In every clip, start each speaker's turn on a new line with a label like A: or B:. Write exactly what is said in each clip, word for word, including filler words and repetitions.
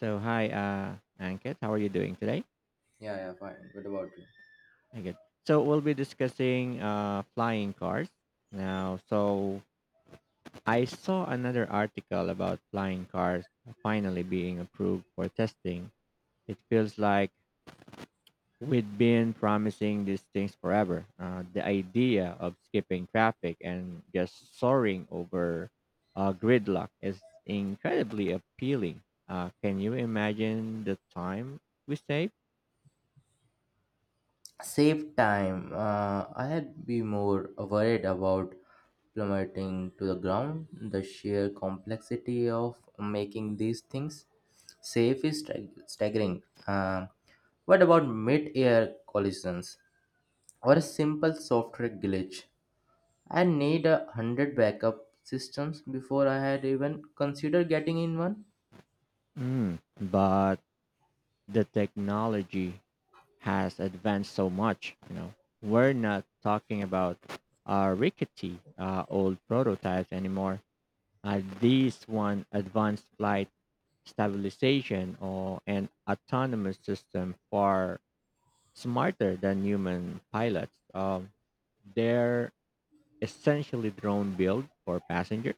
A: So hi, uh, Ankit. How are you doing today?
B: Yeah, yeah, fine. What about you?
A: Very good. So we'll be discussing uh, flying cars now. So I saw another article about flying cars finally being approved for testing. It feels like we've been promising these things forever. Uh, the idea of skipping traffic and just soaring over uh, gridlock is incredibly appealing. Uh, can you imagine the time we save?
B: Save time. Uh, I had be more worried about plummeting to the ground. The sheer complexity of making these things safe is stag- staggering. Uh, what about mid-air collisions or a simple software glitch? I need a hundred backup systems before I had even considered getting in one.
A: Mm, but the technology has advanced so much you know we're not talking about uh, rickety uh, old prototypes anymore, uh, these one advanced flight stabilization or an autonomous system far smarter than human pilots. Um, they're essentially drone build for passengers.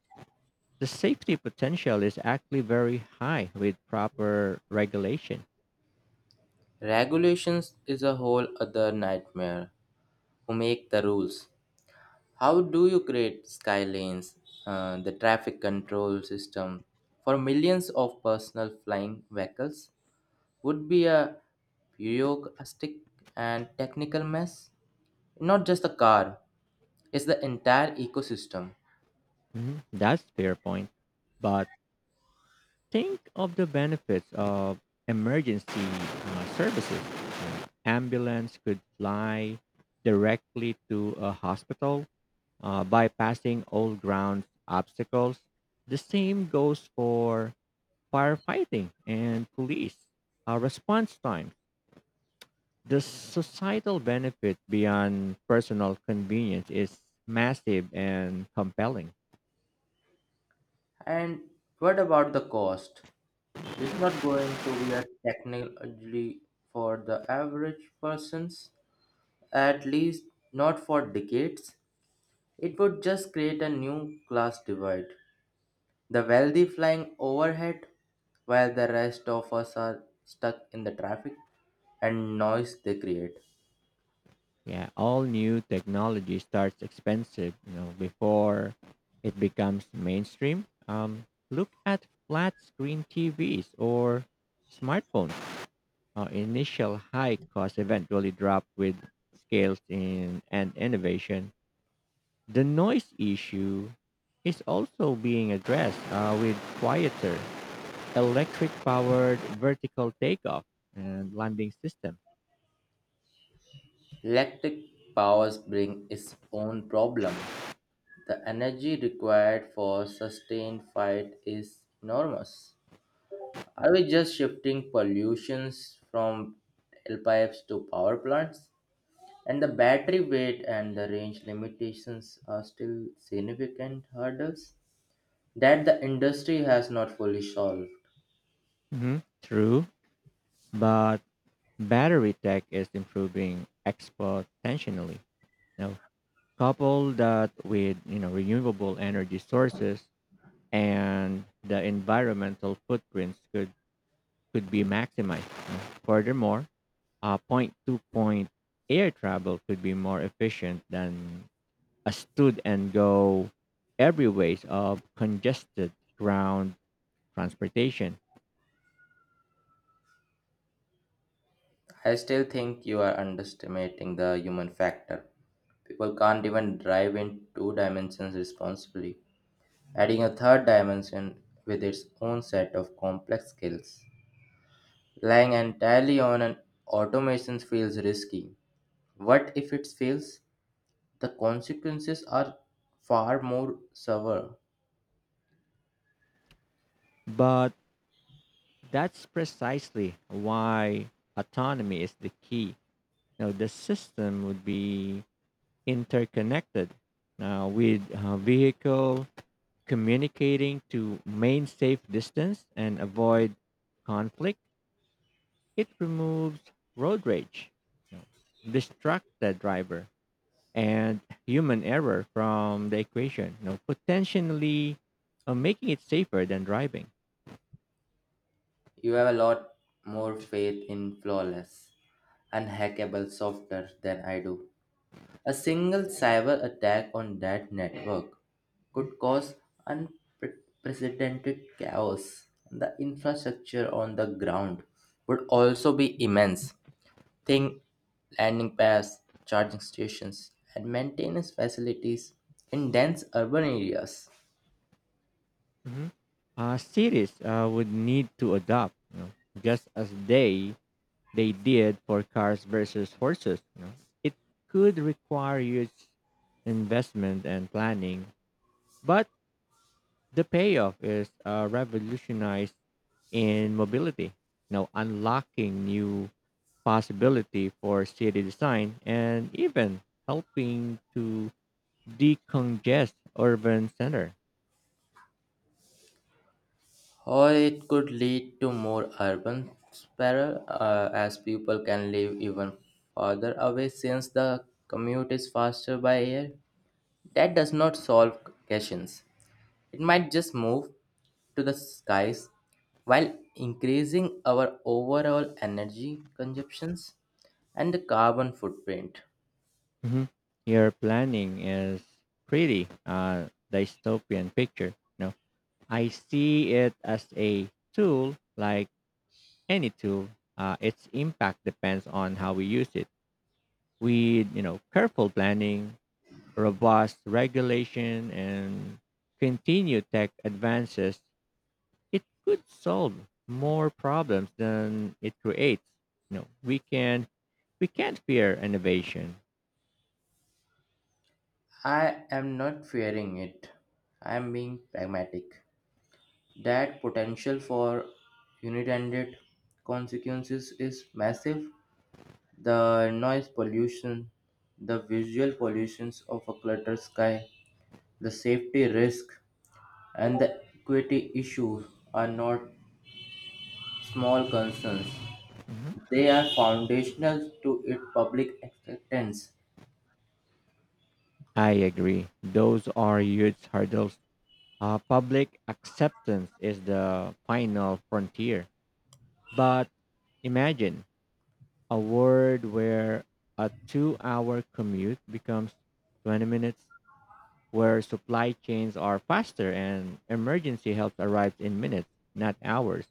A: The safety potential is actually very high with proper regulation.
B: Regulations is a whole other nightmare. Who make the rules? How do you create skylanes, uh, the traffic control system for millions of personal flying vehicles? Would be a bureaucratic and technical mess. Not just the car, it's the entire ecosystem.
A: Mhm. That's fair point, but think of the benefits of emergency uh, services. Ambulance could fly directly to a hospital, uh, bypassing all ground obstacles. The same goes for firefighting and police. Uh, response time. The societal benefit beyond personal convenience is massive and compelling.
B: And what about the cost? This is not going to be a technology for the average persons, at least not for decades. It would just create a new class divide. The wealthy flying overhead, while the rest of us are stuck in the traffic and noise they create.
A: Yeah, all new technology starts expensive you know before it becomes mainstream. Um look at flat screen tvs or smartphones. Uh, initial high cost eventually drop with scales in and innovation. The noise issue is also being addressed uh, with quieter electric powered vertical takeoff and landing system.
B: Electric powers bring its own problem. The energy required for sustained fight is enormous. Are we just shifting pollutions from tailpipes to power plants? And the battery weight and the range limitations are still significant hurdles that the industry has not fully solved.
A: Hmm, true, but battery tech is improving exponentially. Now, couple that with you know renewable energy sources and the environmental footprints could could be maximized. you know. Furthermore, uh, point to point air travel could be more efficient than a stood and go every ways of congested ground transportation.
B: I still think you are underestimating the human factor. People can't even drive in two dimensions responsibly. Adding a third dimension with its own set of complex skills. Relying entirely on an automation feels risky. What if it fails? The consequences are far more severe.
A: But that's precisely why autonomy is the key. Now, the system would be interconnected uh, with uh, vehicle communicating to main safe distance and avoid conflict. It removes road rage, you know, distract the driver, and human error from the equation, you know, potentially uh, making it safer than driving.
B: You have a lot more faith in flawless, unhackable software than I do. A single cyber attack on that network could cause unprecedented chaos. The infrastructure on the ground would also be immense. Think landing pads, charging stations, and maintenance facilities in dense urban areas.
A: Mhm. Uh, cities uh, would need to adopt, you know, just as they they did for cars versus horses. You know? It could require huge investment and planning, but the payoff is uh, revolutionized in mobility, now unlocking new possibility for city design and even helping to decongest urban center.
B: Or it could lead to more urban sprawl uh, as people can live even farther away since the commute is faster by air. That does not solve questions. It might just move to the skies while increasing our overall energy consumptions and the carbon footprint.
A: Mhm. Your planning is pretty uh, dystopian picture. No, I see it as a tool, like any tool. Uh, its impact depends on how we use it. With you know careful planning, robust regulation, and continued tech advances, it could solve more problems than it creates. You know, we can we can't fear innovation.
B: I am not fearing it. I am being pragmatic. That potential for unintended consequences is massive. The noise pollution, the visual pollutions of a cluttered sky, the safety risk and the equity issues are not small concerns.
A: Mhm.
B: They are foundational to its public acceptance.
A: I agree. Those are huge hurdles. Uh, public acceptance is the final frontier. But imagine a world where a two hour commute becomes twenty minutes, where supply chains are faster and emergency help arrives in minutes, not hours.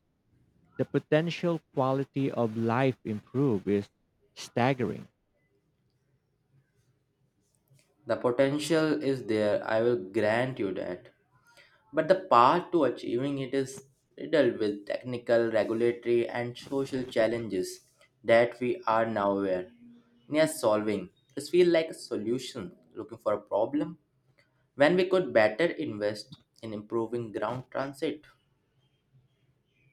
A: The potential quality of life improve is staggering.
B: The potential is there, I will grant you that. But the path to achieving it is riddled with technical, regulatory, and social challenges that we are now aware near solving. This feels like a solution looking for a problem when we could better invest in improving ground transit.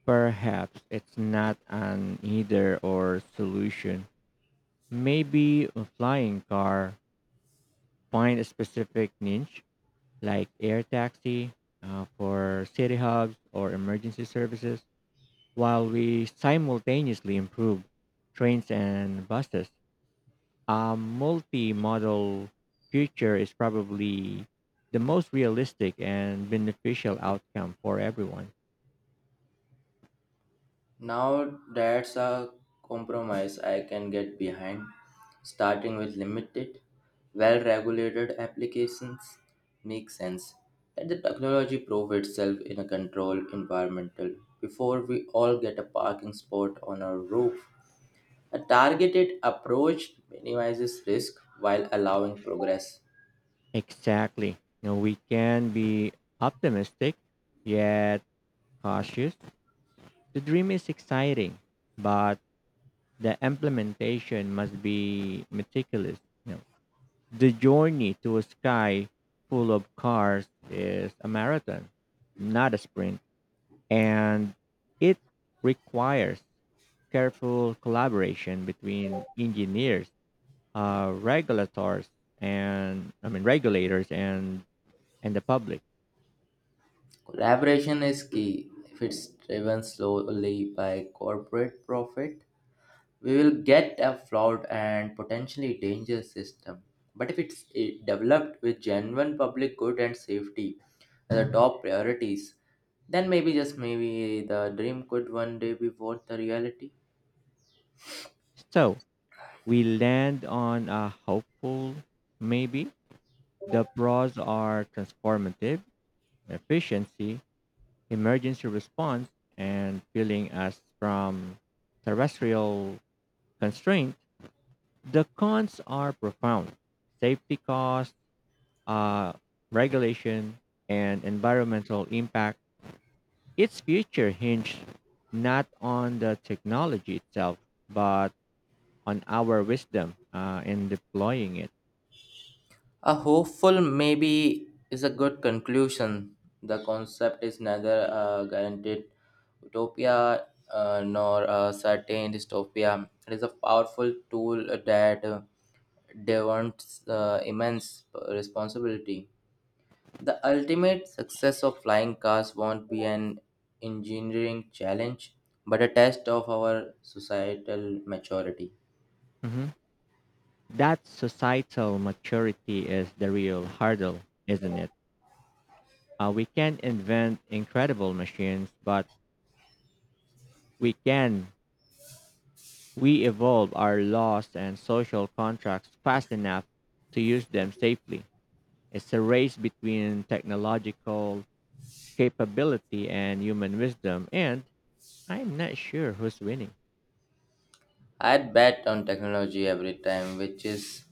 A: Perhaps it's not an either or solution. Maybe a flying car find a specific niche like air taxi uh, for city hubs or emergency services, while we simultaneously improve trains and buses. A multimodal future is probably the most realistic and beneficial outcome for everyone.
B: Now that's a compromise I can get behind, starting with limited, well regulated applications makes sense. Let the technology prove itself in a controlled environmental before we all get a parking spot on our roof. A targeted approach minimizes risk while allowing progress.
A: Exactly. Now we can be optimistic yet cautious. The dream is exciting, but the implementation must be meticulous. You know, the journey to a sky full of cars is a marathon, not a sprint, and it requires careful collaboration between engineers, uh, regulators, and I mean regulators and and the public.
B: Collaboration is key. If it's driven slowly by corporate profit, we will get a flawed and potentially dangerous system. But if it's eh, developed with genuine public good and safety as the top priorities, then maybe just maybe the dream could one day be worth the reality.
A: So we land on a hopeful maybe. The pros are transformative, efficiency, emergency response, and peeling us from terrestrial constraint, the cons are profound. Safety costs, uh, regulation, and environmental impact. Its future hinges not on the technology itself, but on our wisdom uh, in deploying it.
B: A hopeful maybe is a good conclusion. The concept is neither a guaranteed utopia uh, nor a certain dystopia. It is a powerful tool that. uh, demands uh, immense responsibility. The ultimate success of flying cars won't be an engineering challenge, but a test of our societal maturity.
A: Mhm. That societal maturity is the real hurdle, isn't it? Uh, we can invent incredible machines, but we can we evolve our laws and social contracts fast enough to use them safely. It's a race between technological capability and human wisdom, and I'm not sure who's winning.
B: I'd bet on technology every time, which is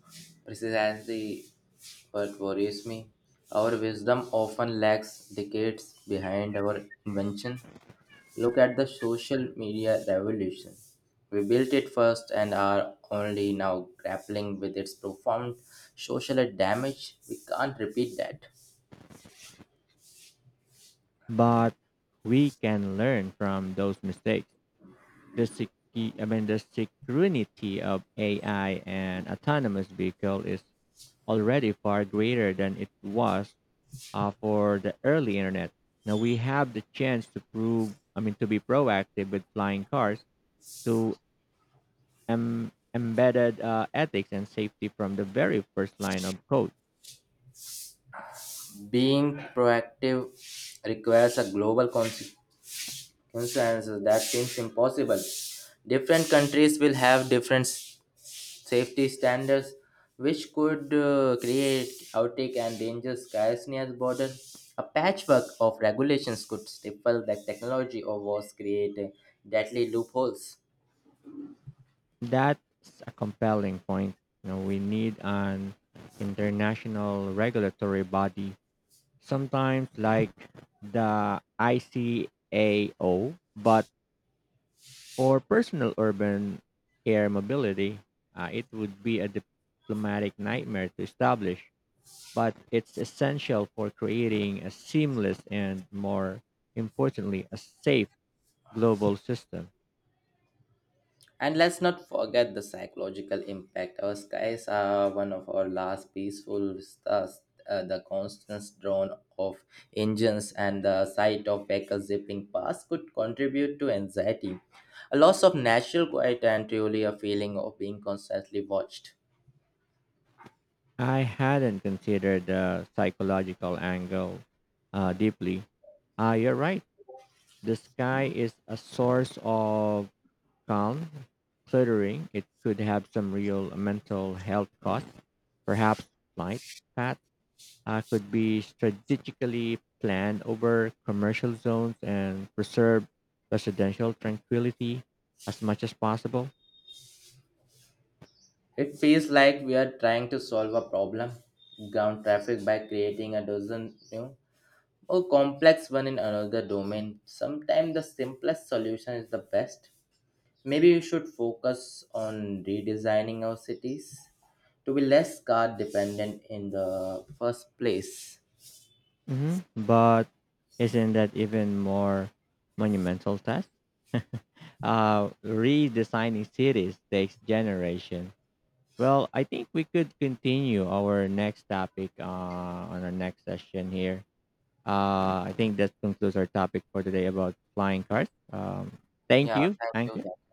B: precisely what worries me. Our wisdom often lags decades behind our invention. Look at the social media revolution. We built it first and are only now grappling with its profound social damage. We can't repeat that.
A: But we can learn from those mistakes. The sec- I mean, the security of A I and autonomous vehicle is already far greater than it was uh, for the early internet. Now we have the chance to prove, I mean, to be proactive with flying cars to em- embedded uh, ethics and safety from the very first line of code.
B: Being proactive requires a global consequence that seems impossible. Different countries will have different safety standards, which could uh, create outtake and danger skies near border. A patchwork of regulations could stifle the technology or was create deadly loopholes.
A: That's a compelling point. You know, we need an international regulatory body, sometimes like the I C A O, but for personal urban air mobility, uh, it would be a diplomatic nightmare to establish, but it's essential for creating a seamless and more importantly a safe global system.
B: And let's not forget the psychological impact. Our skies are one of our last peaceful stars. Uh, the constant drone of engines and the sight of vehicles zipping past could contribute to anxiety, a loss of natural quiet, and truly a feeling of being constantly watched.
A: I hadn't considered the psychological angle uh, deeply. Uh, you're right. The sky is a source of calm, cluttering. It could have some real mental health costs, perhaps flight path uh, could be strategically planned over commercial zones and preserve residential tranquility as much as possible.
B: It feels like we are trying to solve a problem, ground traffic, by creating a dozen new, more complex one in another domain. Sometimes the simplest solution is the best. Maybe we should focus on redesigning our cities to be less car dependent in the first place.
A: Hmm, but isn't that even more monumental task? Uh, redesigning cities takes generation. Well, I think we could continue our next topic uh, on our next session here. Uh, I think that concludes our topic for today about flying cars. Um, thank
B: Yeah,
A: you.
B: thank
A: Thank
B: you.
A: you.
B: Thank